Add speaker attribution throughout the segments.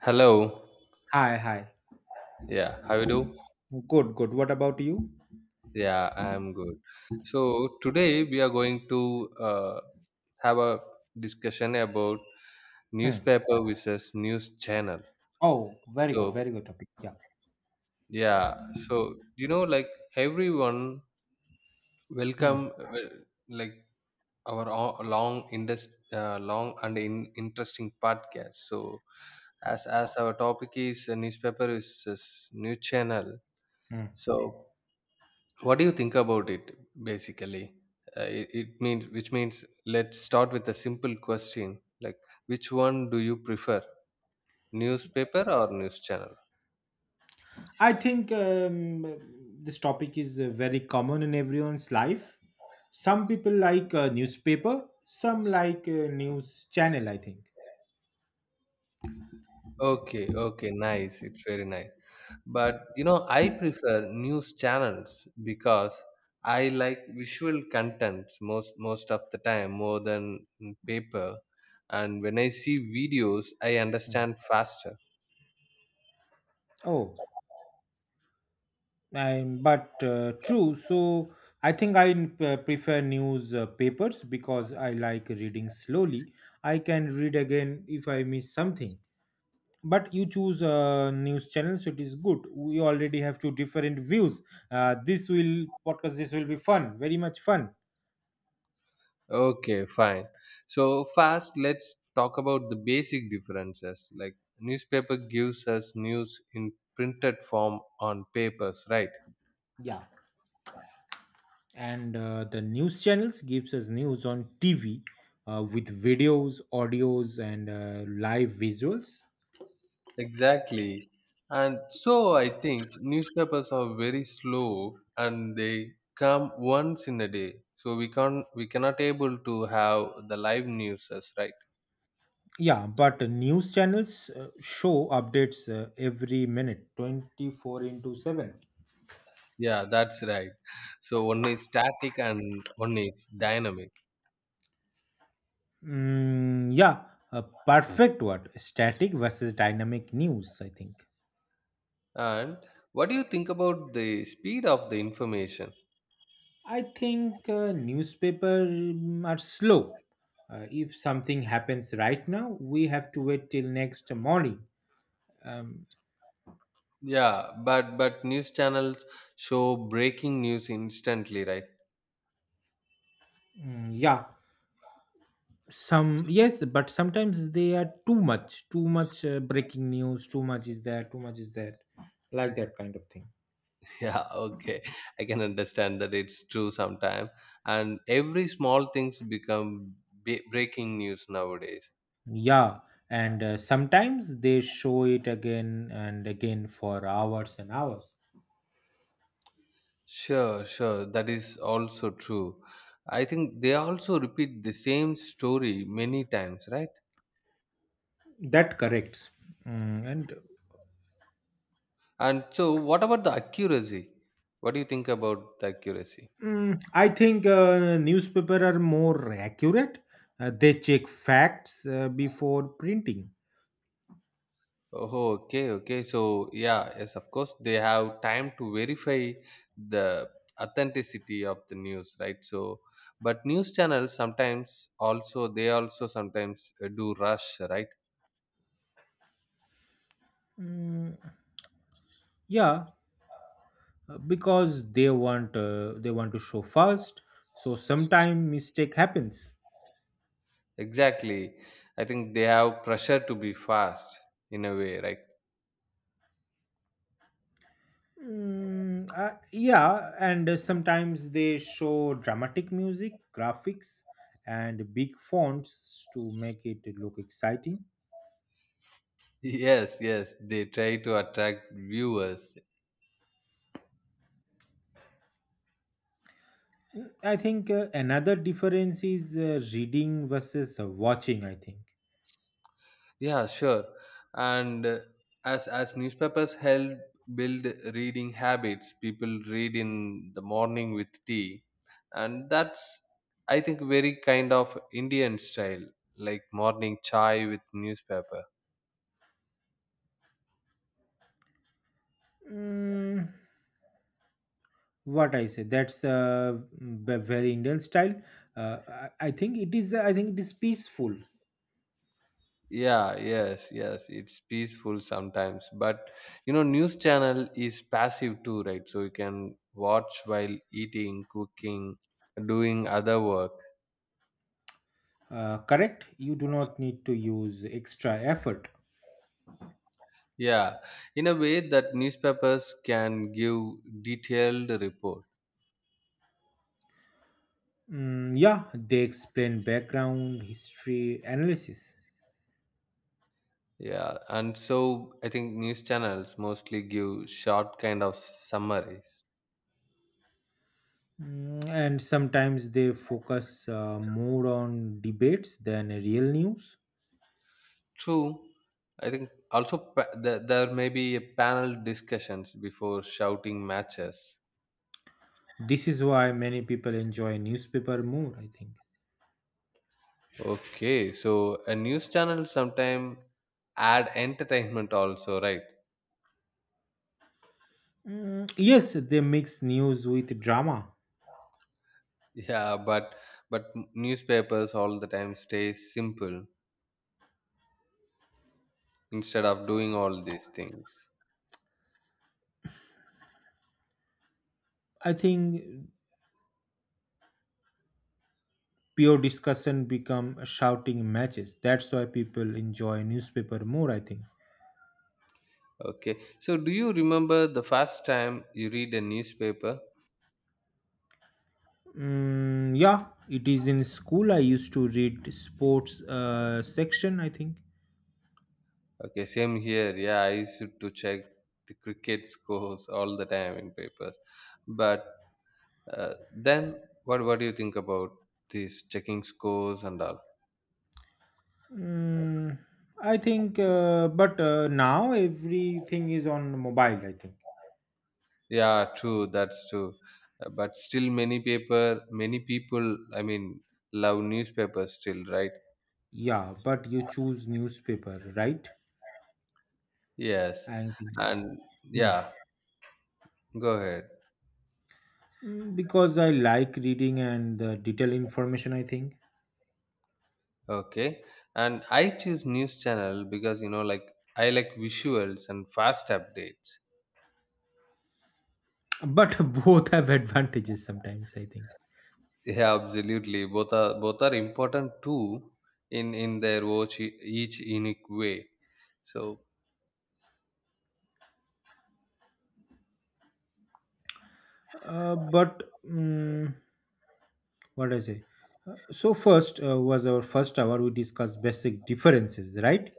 Speaker 1: Hello.
Speaker 2: Hi, hi.
Speaker 1: Yeah, how you do?
Speaker 2: Good, good. What about you?
Speaker 1: Yeah, I'm good. So today we are going to have a discussion about
Speaker 2: Hmm.
Speaker 1: newspaper versus news channel.
Speaker 2: Oh, very good,
Speaker 1: So
Speaker 2: very good topic. Yeah.
Speaker 1: yeah, so you know, like everyone
Speaker 2: Hmm.
Speaker 1: welcome like our long and interesting podcast. So as our topic is newspaper versus news channel.
Speaker 2: Hmm.
Speaker 1: So what do you think about it basically? It means let's start with a simple question, like, which one do you prefer, newspaper or news channel?
Speaker 2: I think this topic is very common in everyone's life. Some people like newspaper, some like news channel, I think.
Speaker 1: Okay, okay, nice. It's very nice. But you know, I prefer news channels because I like visual contents most of the time more than paper. And when I see videos, I
Speaker 2: Hmm.
Speaker 1: understand faster.
Speaker 2: Oh, and but true. So I think prefer news papers because I like reading slowly. I can read again if I miss something. But you choose a news channel, so it is good, we already have two different views. This will be fun, very much fun.
Speaker 1: Okay, fine. So first, let's talk about the basic differences. Like, newspaper gives us news in printed form on papers, right?
Speaker 2: Yeah. And the news channels gives us news on TV, with videos, audios, and live visuals.
Speaker 1: Exactly. And so I think newspapers are very slow, and they come once in a day. So we cannot able to have the live newses, right?
Speaker 2: Yeah, but news channels show updates every minute, 24 into 7.
Speaker 1: Yeah, that's right. So one is static and one is dynamic.
Speaker 2: Yeah, a perfect word, static versus dynamic news, I think.
Speaker 1: And what do you think about the speed of the information?
Speaker 2: I think newspaper are slow. If something happens right now, we have to wait till next morning. Um,
Speaker 1: Yeah, but news channels show breaking news instantly, right?
Speaker 2: yeah, some yes, but sometimes they are too much breaking news, too much is there, too much is there, like that kind of thing.
Speaker 1: Yeah, okay. I can understand that. It's true sometime, and every small things become breaking news nowadays.
Speaker 2: Yeah, and sometimes they show it again and again for hours and hours.
Speaker 1: Sure, sure. That is also true. I think they also repeat the same story many times, right?
Speaker 2: That corrects. And.
Speaker 1: And so, what about the accuracy? What do you think about the accuracy?
Speaker 2: I think newspaper are more accurate. They check facts before printing.
Speaker 1: Oh, okay, okay. So, yeah, yes, of course, they have time to verify the authenticity of the news, right? So, but news channels sometimes also, they also sometimes do rush, right?
Speaker 2: Mm, yeah, because they want, they want to show fast. So sometime mistake happens.
Speaker 1: Exactly. I think they have pressure to be fast in a way, right?
Speaker 2: Yeah, and sometimes they show dramatic music, graphics, and big fonts to make it look exciting.
Speaker 1: Yes, yes, they try to attract viewers.
Speaker 2: I think another difference is reading versus watching, I think.
Speaker 1: Yeah, sure. And as newspapers help build reading habits, people read in the morning with tea, and that's, I think, very kind of Indian style, like morning chai with newspaper.
Speaker 2: Mm, what I say, that's very Indian style. Uh, I think it is. I think it is peaceful.
Speaker 1: Yeah, yes, yes. It's peaceful sometimes, but you know, news channel is passive too, right? So you can watch while eating, cooking, doing other work.
Speaker 2: Correct. You do not need to use extra effort.
Speaker 1: Yeah, in a way that newspapers can give detailed report.
Speaker 2: Yeah, they explain background, history, analysis.
Speaker 1: Yeah, and so I think news channels mostly give short kind of summaries.
Speaker 2: And sometimes they focus more on debates than real news.
Speaker 1: True, I think also there may be a panel discussions before shouting matches.
Speaker 2: This is why many people enjoy newspaper more, I think.
Speaker 1: Okay, so a news channel sometime add entertainment also, right?
Speaker 2: Yes, they mix news with drama.
Speaker 1: Yeah, but newspapers all the time stay simple instead of doing all these things.
Speaker 2: I think pure discussion become shouting matches, that's why people enjoy newspaper more, I think.
Speaker 1: Okay. So do you remember the first time you read a newspaper?
Speaker 2: Yeah, it is in school, I used to read sports section, I think.
Speaker 1: Okay, same here. Yeah, I used to check the cricket scores all the time in papers. But then what do you think about these checking scores and all?
Speaker 2: mm, I think but now everything is on mobile, I think.
Speaker 1: Yeah, true, that's true. But still many people, I mean, love newspapers still, right?
Speaker 2: Yeah, but you choose newspaper, right?
Speaker 1: Yes.
Speaker 2: I think.
Speaker 1: And
Speaker 2: Hmm.
Speaker 1: yeah, go ahead.
Speaker 2: Because I like reading and the detailed information, I think.
Speaker 1: Okay. And I choose news channel because, you know, like, I like visuals and fast updates.
Speaker 2: But both have advantages sometimes, I think.
Speaker 1: Yeah, absolutely. Both are important too in their watch each unique way. So
Speaker 2: But what I say? So first, was our first hour. We discussed basic differences, right?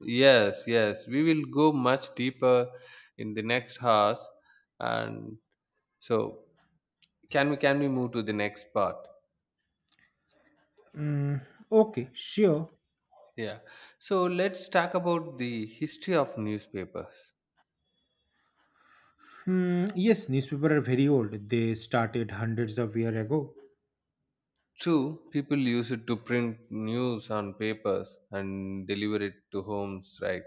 Speaker 1: yes, yes, we will go much deeper in the next house. And so can we move to the next part?
Speaker 2: Mm, okay, sure.
Speaker 1: Yeah. So let's talk about the history of newspapers.
Speaker 2: Hmm, yes, newspapers are very old. They started hundreds of years ago.
Speaker 1: True, people use it to print news on papers and deliver it to homes, right?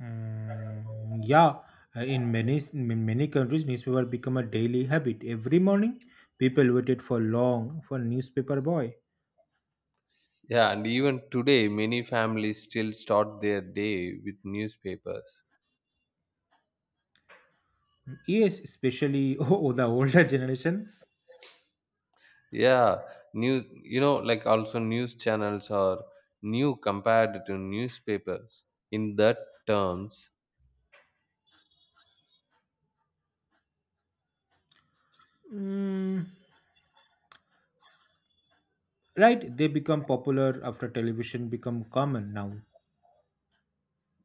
Speaker 2: Yeah, in many countries, newspaper become a daily habit. Every morning, people waited for long for newspaper boy.
Speaker 1: Yeah, and even today, many families still start their day with newspapers.
Speaker 2: Yes, especially oh, the older generations.
Speaker 1: Yeah, news, you know, like, also news channels are new compared to newspapers in that terms.
Speaker 2: Mm, right, they become popular after television become common now.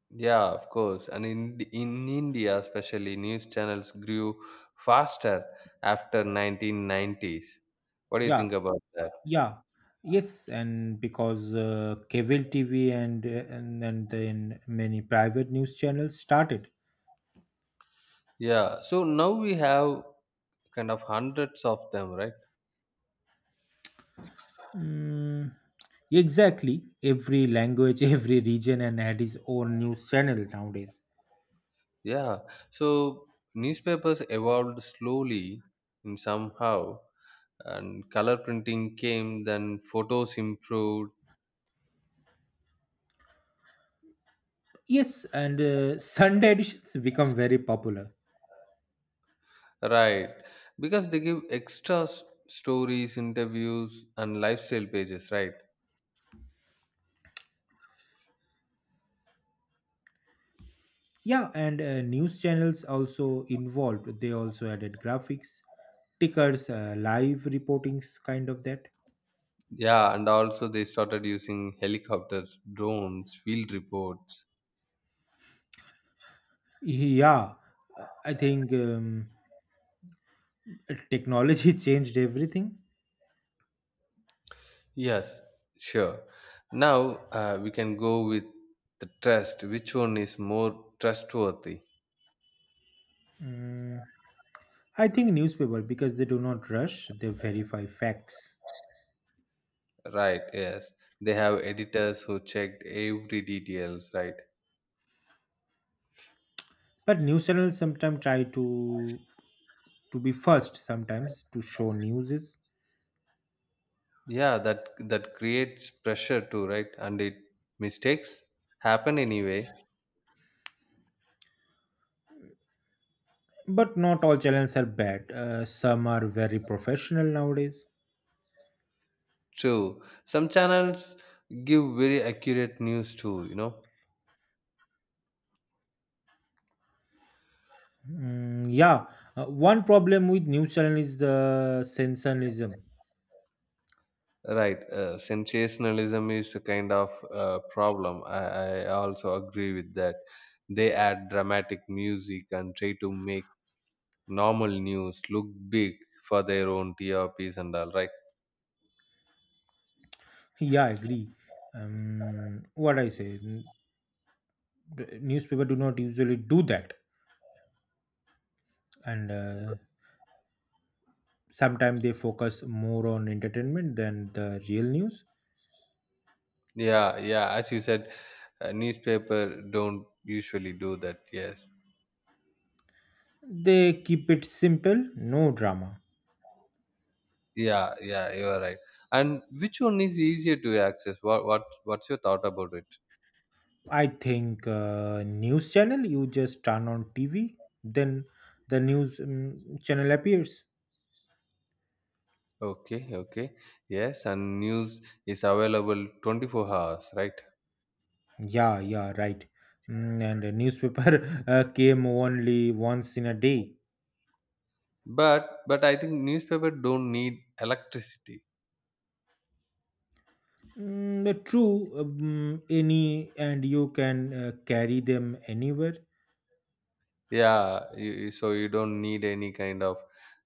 Speaker 1: Yeah, of course. And in India, especially, news channels grew faster after 1990s. What do you
Speaker 2: Yeah,
Speaker 1: think about that?
Speaker 2: yeah, yes, and because cable TV and then many private news channels started.
Speaker 1: Yeah, so now we have kind of hundreds of them, right?
Speaker 2: mm, exactly, every language, every region, and had its own news channel nowadays.
Speaker 1: Yeah, so newspapers evolved slowly in somehow, and color printing came, then photos improved,
Speaker 2: Yes, and Sunday editions become very popular.
Speaker 1: right? Because they give extra stories, interviews, and lifestyle pages, right?
Speaker 2: Yeah, and news channels also involved, they also added graphics, tickers, live reportings, kind of that.
Speaker 1: Yeah, and also they started using helicopters, drones, field reports.
Speaker 2: Yeah, I think technology changed everything.
Speaker 1: Yes, sure. Now we can go with the trust. Which one is more trustworthy?
Speaker 2: Mm, I think newspaper, because they do not rush; they verify facts.
Speaker 1: Right, yes. They have editors who checked every details, right?
Speaker 2: But news channels sometimes try to be first, sometimes to show newses.
Speaker 1: Yeah, that that creates pressure too, right? And it mistakes happen anyway.
Speaker 2: But not all channels are bad. Some are very professional nowadays.
Speaker 1: True. Some channels give very accurate news too, you know.
Speaker 2: Yeah, one problem with news channel is the sensationalism.
Speaker 1: Right, sensationalism is a kind of problem. I also agree with that. They add dramatic music and try to make normal news look big for their own TRPs and all. Right.
Speaker 2: Yeah, I agree. What I say. Newspaper do not usually do that, and sometimes they focus more on entertainment than the real news.
Speaker 1: Yeah, yeah. As you said, newspaper don't usually do that. Yes.
Speaker 2: They keep it simple, no drama.
Speaker 1: Yeah, yeah. You are right. And which one is easier to access? What's your thought about it?
Speaker 2: I think news channel, you just turn on TV, then the news channel appears.
Speaker 1: Okay, okay. Yes, and news is available 24 hours, right?
Speaker 2: Yeah, yeah, right. And a newspaper came only once in a day.
Speaker 1: But I think newspaper don't need electricity.
Speaker 2: True, any, and you can carry them anywhere.
Speaker 1: Yeah, so you don't need any kind of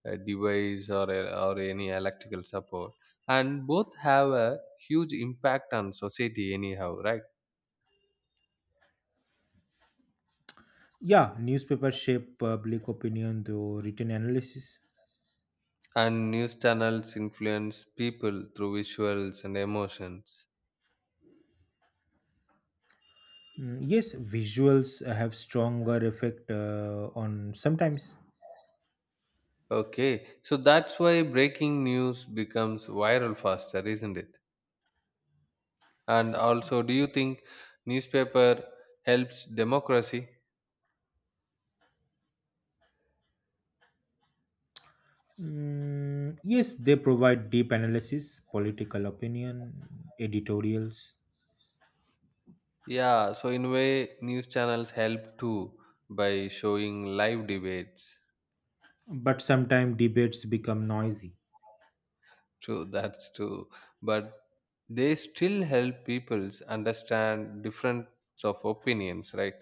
Speaker 1: device or any electrical support, and both have a huge impact on society anyhow, right?
Speaker 2: Yeah, newspapers shape public opinion through written analysis.
Speaker 1: And news channels influence people through visuals and emotions.
Speaker 2: Yes, visuals have stronger effect on sometimes.
Speaker 1: Okay, so that's why breaking news becomes viral faster, isn't it? And also, do you think newspaper helps democracy?
Speaker 2: Yes, they provide deep analysis, political opinion, editorials.
Speaker 1: Yeah, so in way news channels help too by showing live debates.
Speaker 2: But sometimes debates become noisy.
Speaker 1: True, that's true. But they still help peoples understand difference of opinions, right?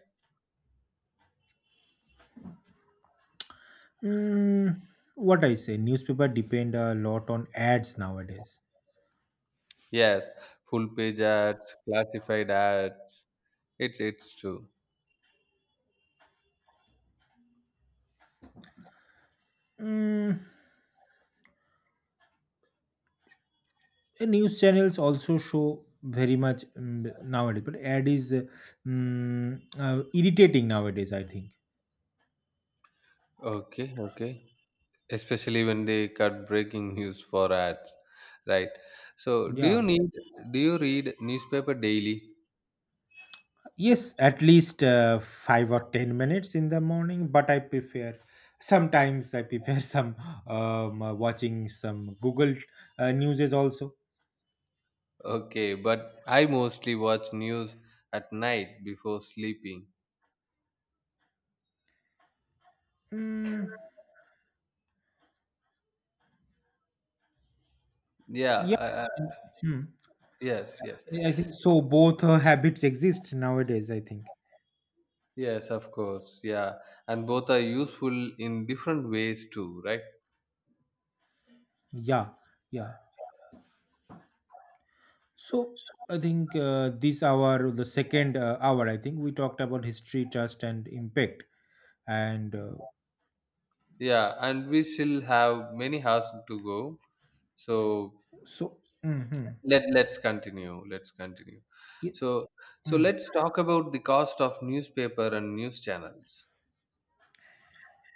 Speaker 2: Mm, what I say, newspaper depend a lot on ads nowadays.
Speaker 1: Yes, full page ads, classified ads. It's true.
Speaker 2: Mm, News channels also show very much nowadays, but ad is irritating nowadays, I think.
Speaker 1: Okay, okay. Especially when they cut breaking news for ads, right? So
Speaker 2: Yeah,
Speaker 1: do you read newspaper daily?
Speaker 2: yes, at least 5 or 10 minutes in the morning, but I prefer, sometimes I prefer some, watching some Google news is also.
Speaker 1: Okay, but I mostly watch news at night before sleeping.
Speaker 2: mm,
Speaker 1: Yeah,
Speaker 2: yeah.
Speaker 1: uh, uh,
Speaker 2: Hmm.
Speaker 1: yes,
Speaker 2: I think so, both habits exist nowadays, I think.
Speaker 1: yes, of course. Yeah, and both are useful in different ways too, right?
Speaker 2: Yeah, yeah. So I think this hour, the second hour, I think we talked about history, trust, and impact. And
Speaker 1: Yeah, and we still have many hours to go. So
Speaker 2: so. Hmm.
Speaker 1: let's continue. Let's continue.
Speaker 2: Yeah.
Speaker 1: So
Speaker 2: mm,
Speaker 1: let's talk about the cost of newspaper and news channels.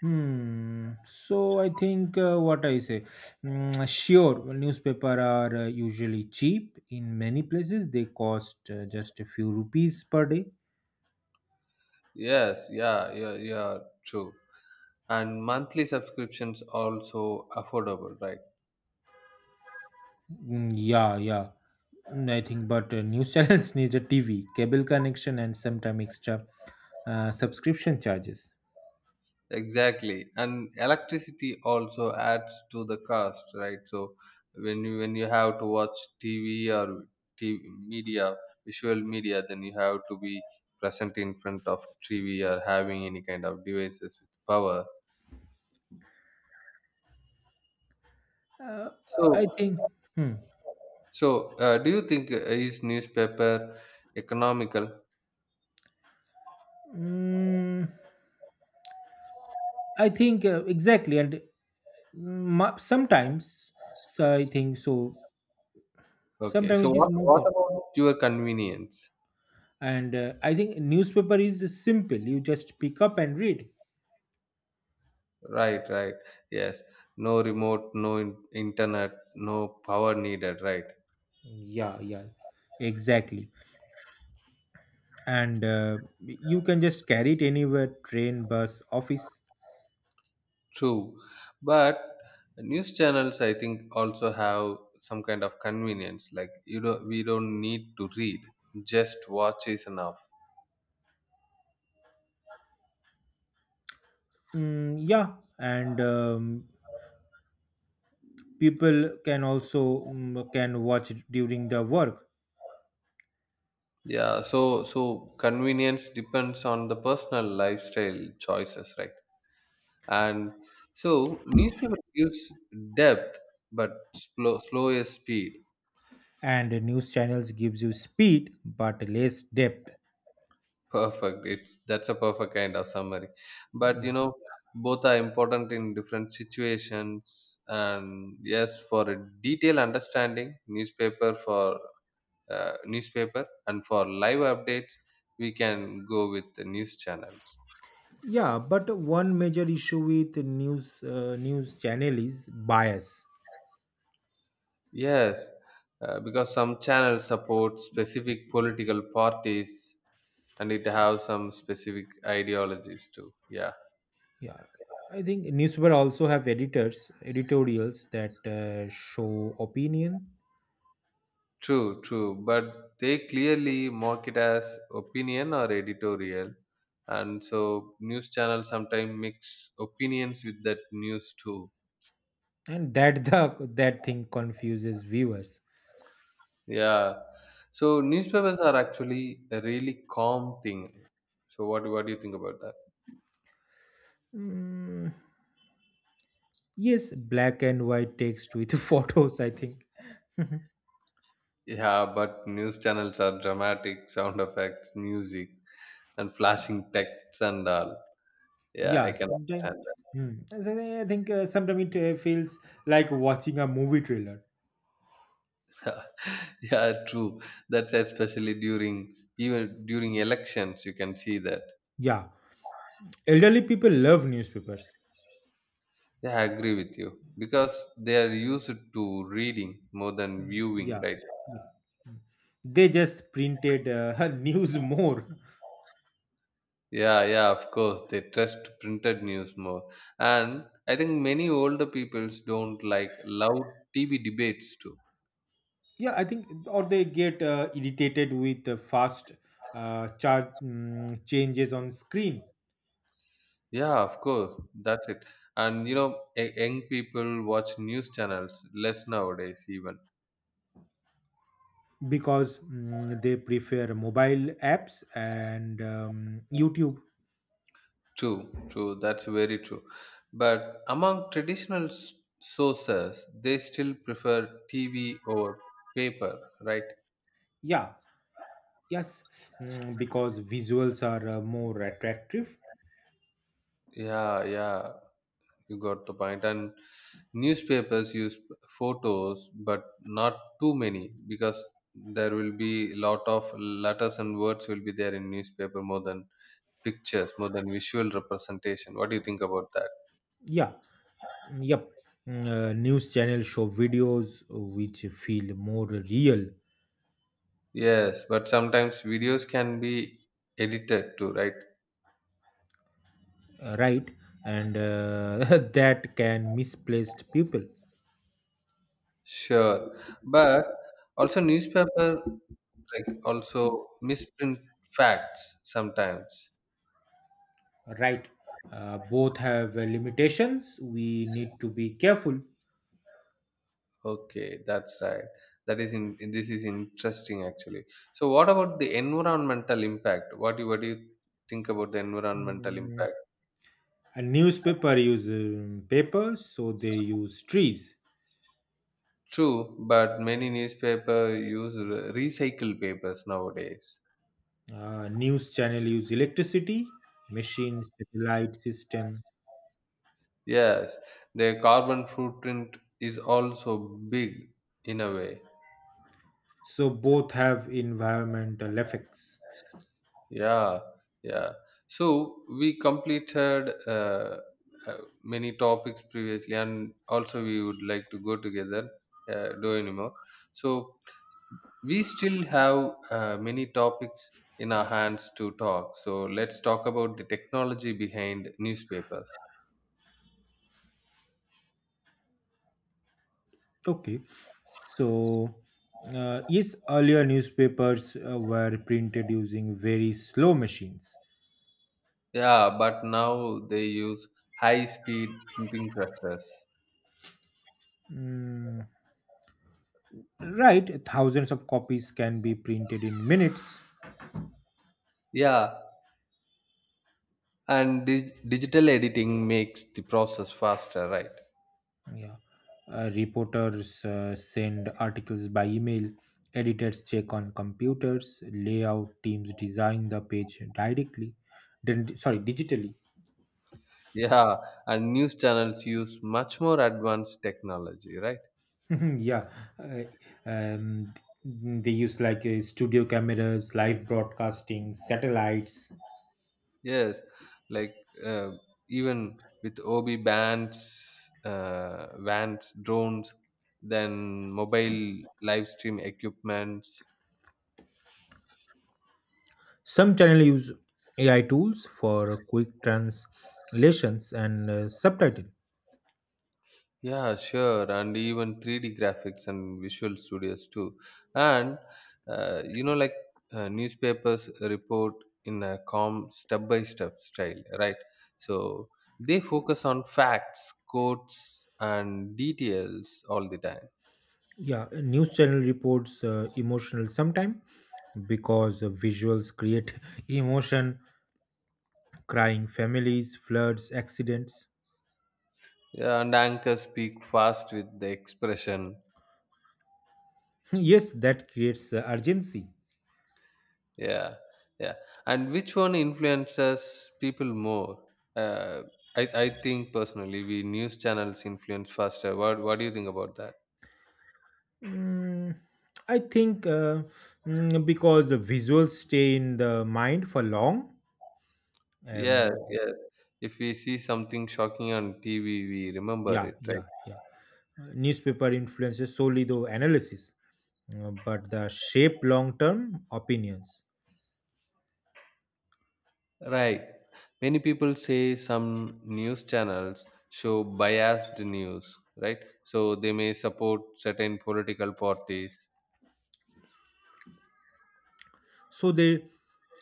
Speaker 2: hmm. So I think what I say, sure, newspaper are usually cheap in many places. They cost just a few rupees per day.
Speaker 1: Yes, yeah, true. And monthly subscriptions also affordable, right?
Speaker 2: Yeah, yeah. I think, but news channels need a TV, cable connection, and sometime extra subscription charges.
Speaker 1: Exactly, and electricity also adds to the cost, right? So when you have to watch TV or TV media, visual media, then you have to be present in front of TV or having any kind of devices with power.
Speaker 2: Uh, I
Speaker 1: So
Speaker 2: think. Hmm.
Speaker 1: do you think is newspaper economical?
Speaker 2: Mm, I think exactly, and sometimes, so I think so.
Speaker 1: Okay,
Speaker 2: Sometimes
Speaker 1: so
Speaker 2: it is more
Speaker 1: what
Speaker 2: good,
Speaker 1: about your convenience?
Speaker 2: and I think newspaper is simple. You just pick up and read.
Speaker 1: Right, right. Yes, no remote, no internet, no power needed, right?
Speaker 2: Yeah, yeah, exactly. And you can just carry it anywhere: train, bus, office.
Speaker 1: True, but news channels, I think, also have some kind of convenience. Like, you don't, we don't need to read; just watch is enough.
Speaker 2: Yeah, and people can also, can watch it during the work.
Speaker 1: Yeah, so convenience depends on the personal lifestyle choices, right? And so newspaper gives depth, but slow is speed.
Speaker 2: And news channels gives you speed but less depth.
Speaker 1: Perfect. It's That's a perfect kind of summary. But you
Speaker 2: Yeah,
Speaker 1: know, both are important in different situations. And yes, for a detailed understanding, newspaper, and for live updates, we can go with the news channels.
Speaker 2: yeah, but one major issue with news channel is bias.
Speaker 1: Yes, because some channels support specific political parties, and it have some specific ideologies too. Yeah.
Speaker 2: Yeah, I think newspaper also have editors, editorials that show opinion.
Speaker 1: True, true. But they clearly mark it as opinion or editorial. And so news channels sometimes mix opinions with that news too.
Speaker 2: And that thing confuses viewers.
Speaker 1: Yeah. So newspapers are actually a really calm thing. So what do you think about that?
Speaker 2: mm, yes, black and white text with photos, I think.
Speaker 1: Yeah, but news channels are dramatic sound effects, music, and flashing texts and all. Yeah, I
Speaker 2: Yeah,
Speaker 1: can
Speaker 2: sometimes
Speaker 1: understand that.
Speaker 2: I think sometimes it feels like watching a movie trailer.
Speaker 1: Yeah, true. That's especially during even during elections, you can see that.
Speaker 2: Yeah, elderly people love newspapers.
Speaker 1: Yeah, I agree with you because they are used to reading more than viewing,
Speaker 2: Yeah,
Speaker 1: right?
Speaker 2: yeah. They just printed news more.
Speaker 1: Yeah, yeah, of course. They trust printed news more. And I think many older peoples don't like loud TV debates too.
Speaker 2: Yeah, I think, or they get irritated with the fast chart changes on screen.
Speaker 1: Yeah, of course. That's it. And you know, young people watch news channels less nowadays, even.
Speaker 2: Because they prefer mobile apps and YouTube.
Speaker 1: True, true. That's very true. But among traditional sources, they still prefer TV over paper, right?
Speaker 2: Yeah, yes, because visuals are more attractive.
Speaker 1: Yeah, yeah, you got the point. And newspapers use photos, but not too many because there will be lot of letters and words will be there in newspaper more than pictures, more than visual representation. What do you think about that?
Speaker 2: Yeah, mm, yep. News channels show videos which feel more real.
Speaker 1: Yes, but sometimes videos can be edited too, right?
Speaker 2: Right, and that can misplaced people.
Speaker 1: Sure. But also newspaper like also misprint facts sometimes.
Speaker 2: Right, both have limitations, we need to be careful.
Speaker 1: Okay, that's right. That is in This is interesting actually. So what about the environmental impact? What do you think about the environmental
Speaker 2: Mm,
Speaker 1: impact?
Speaker 2: a newspaper use paper, so they use trees.
Speaker 1: True, but many newspaper use recycled papers nowadays.
Speaker 2: News channel use electricity, machines, satellite system.
Speaker 1: Yes, their carbon footprint is also big in a way.
Speaker 2: So both have environmental effects.
Speaker 1: Yeah, yeah. So we completed uh, many topics previously, and also we would like to go together, do anymore. So we still have many topics in our hands to talk. So let's talk about the technology behind newspapers.
Speaker 2: Okay, so yes, earlier newspapers were printed using very slow machines.
Speaker 1: Yeah, but now they use high-speed printing presses.
Speaker 2: Mm, right, thousands of copies can be printed in minutes.
Speaker 1: Yeah, and digital editing makes the process faster, right?
Speaker 2: Yeah, reporters send articles by email. Editors check on computers. Layout teams design the page directly. Then, sorry, digitally.
Speaker 1: Yeah, and news channels use much more advanced technology, right?
Speaker 2: Yeah, uh, um, they use, like, studio cameras, live broadcasting, satellites.
Speaker 1: Yes, like, uh, even with OB bands, vans, drones, then mobile live stream equipments.
Speaker 2: Some channels use AI tools for quick translations and subtitle.
Speaker 1: Yeah, sure, and even 3D graphics and visual studios too. And you know, like, newspapers report in a calm, step by step style, right? So they focus on facts, quotes, and details all the time.
Speaker 2: Yeah, a news channel reports emotional sometime, because visuals create emotion, crying families, floods, accidents.
Speaker 1: Yeah, and anchors speak fast with the expression.
Speaker 2: Yes, that creates urgency.
Speaker 1: Yeah, yeah. And which one influences people more? Uh, I I think personally, we news channels influence faster. What do you think about that?
Speaker 2: Mm, I think because the visuals stay in the mind for long, and.
Speaker 1: Yes, yes. If we see something shocking on TV, we remember
Speaker 2: Yeah,
Speaker 1: it, right?
Speaker 2: yeah, yeah. Newspaper influences solely the analysis, but the shape long term opinions.
Speaker 1: Right. Many people say some news channels show biased news, right? So they may support certain political parties.
Speaker 2: So they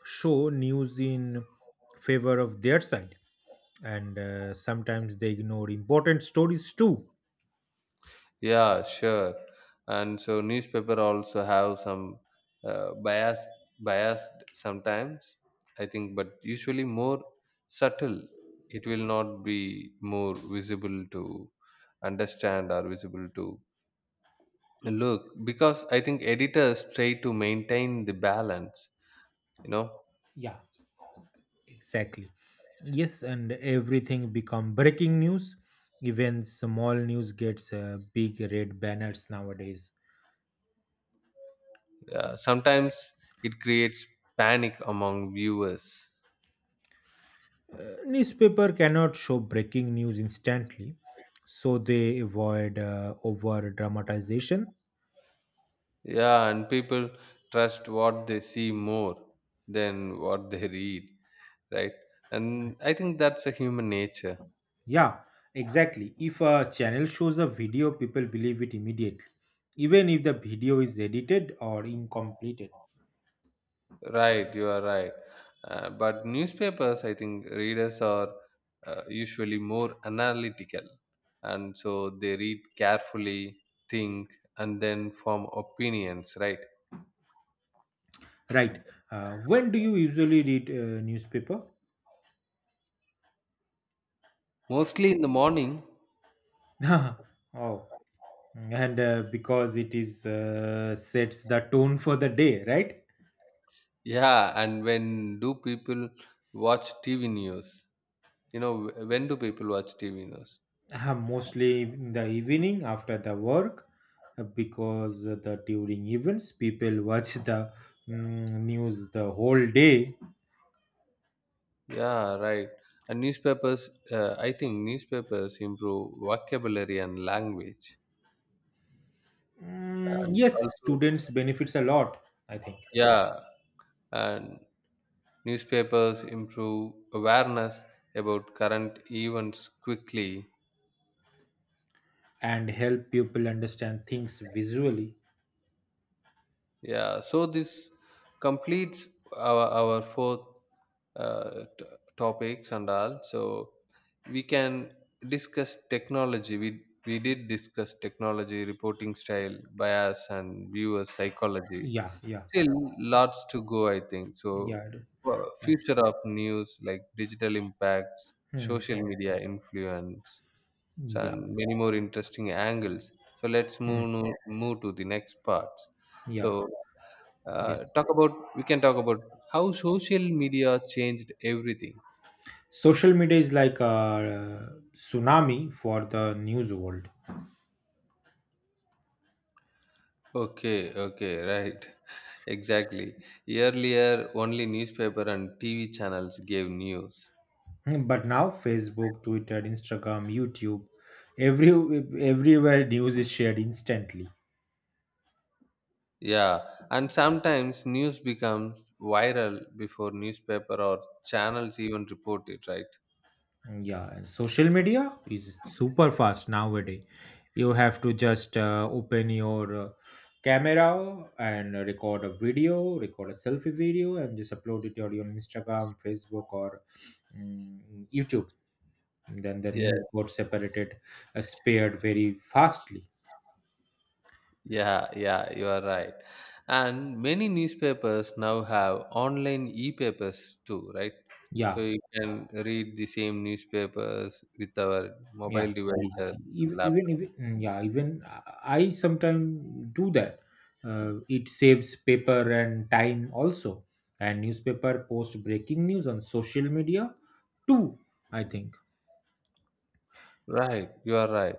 Speaker 2: show news in favor of their side, and sometimes they ignore important stories too.
Speaker 1: Yeah, sure. And so newspaper also have some uh, bias biased sometimes, I think, but usually more subtle. It will not be more visible to understand or visible to look, because I think editors try to maintain the balance. You know,
Speaker 2: Yeah. Exactly, yes, and everything become breaking news. Even small news gets big red banners nowadays.
Speaker 1: sometimes it creates panic among viewers.
Speaker 2: Newspaper cannot show breaking news instantly, so they avoid over dramatization.
Speaker 1: Yeah, and people trust what they see more than what they read, right? And I think that's a human nature.
Speaker 2: Yeah, exactly. If a channel shows a video, people believe it immediately, even if the video is edited or incompleted.
Speaker 1: Right, you are right. But newspapers, I think readers are usually more analytical, and so they read carefully, think, and then form opinions, right?
Speaker 2: Right. When do you usually read newspaper?
Speaker 1: Mostly in the morning.
Speaker 2: Oh, and because it is, sets the tone for the day, right?
Speaker 1: Yeah, and when do people watch TV news? You know, when do people watch TV news?
Speaker 2: Mostly in the evening after the work, because the during events people watch the news the whole day.
Speaker 1: Yeah, right. And newspapers, I think newspapers improve vocabulary and language. And
Speaker 2: Yes,
Speaker 1: also,
Speaker 2: students benefits a lot, I think,
Speaker 1: yeah, and newspapers improve awareness about current events quickly.
Speaker 2: and help people understand things visually.
Speaker 1: Yeah, so this completes our fourth uh, t- topics and all. So we can discuss technology we did discuss technology, reporting style, bias, and viewer psychology.
Speaker 2: Yeah, yeah,
Speaker 1: Still lots to go, I think. So,
Speaker 2: yeah, and,
Speaker 1: future of news, like, digital impacts,
Speaker 2: hmm,
Speaker 1: social media influence, so,
Speaker 2: yeah,
Speaker 1: and many more interesting angles. So let's
Speaker 2: hmm,
Speaker 1: move no- move to the next parts.
Speaker 2: yeah,
Speaker 1: So,
Speaker 2: yes.
Speaker 1: talk about we can talk about how social media changed everything.
Speaker 2: Social media is like a tsunami for the news world.
Speaker 1: Okay, okay, right. Exactly. Earlier, only newspaper and TV channels gave news.
Speaker 2: Hmm. But now Facebook, Twitter, Instagram, YouTube, every everywhere news is shared instantly.
Speaker 1: Yeah, and sometimes news becomes viral before newspaper or channels even report it, right?
Speaker 2: Yeah, and social media is super fast nowadays. You have to just open your camera and record a video, record a selfie video, and just upload it on your Instagram, Facebook, or YouTube. Then the
Speaker 1: Yeah,
Speaker 2: news got separated, spared very fastly.
Speaker 1: yeah, yeah, you are right. And many newspapers now have online e-papers too, right? So
Speaker 2: Yeah,
Speaker 1: you can read the same newspapers with our mobile
Speaker 2: yeah, agree.
Speaker 1: devices and
Speaker 2: Even if,
Speaker 1: laptop.
Speaker 2: yeah, even I sometimes do that. It saves paper and time also, and newspaper post breaking news on social media too, I think.
Speaker 1: Right, you are right.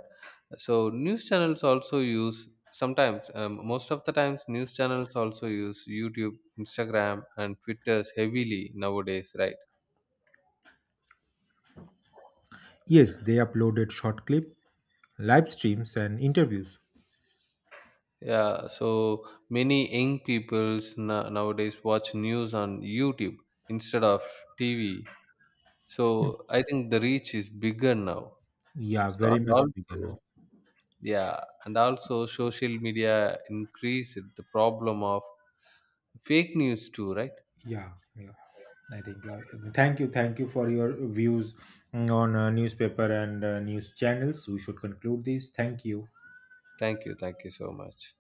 Speaker 1: So news channels also use sometimes, most of the times news channels also use YouTube, Instagram, and Twitters heavily nowadays, right?
Speaker 2: Yes, they uploaded short clip, live streams, and interviews.
Speaker 1: Yeah, so many young peoples nowadays watch news on YouTube instead of TV. So
Speaker 2: Mm.
Speaker 1: I think the reach is bigger now.
Speaker 2: Yeah,
Speaker 1: So
Speaker 2: very
Speaker 1: and
Speaker 2: much bigger
Speaker 1: also,
Speaker 2: now.
Speaker 1: yeah, and also social media increased the problem of fake news too, right?
Speaker 2: Yeah, yeah, I think. Thank you, thank you for your views, on newspaper and news channels. We should conclude this. Thank you.
Speaker 1: Thank you, thank you so much.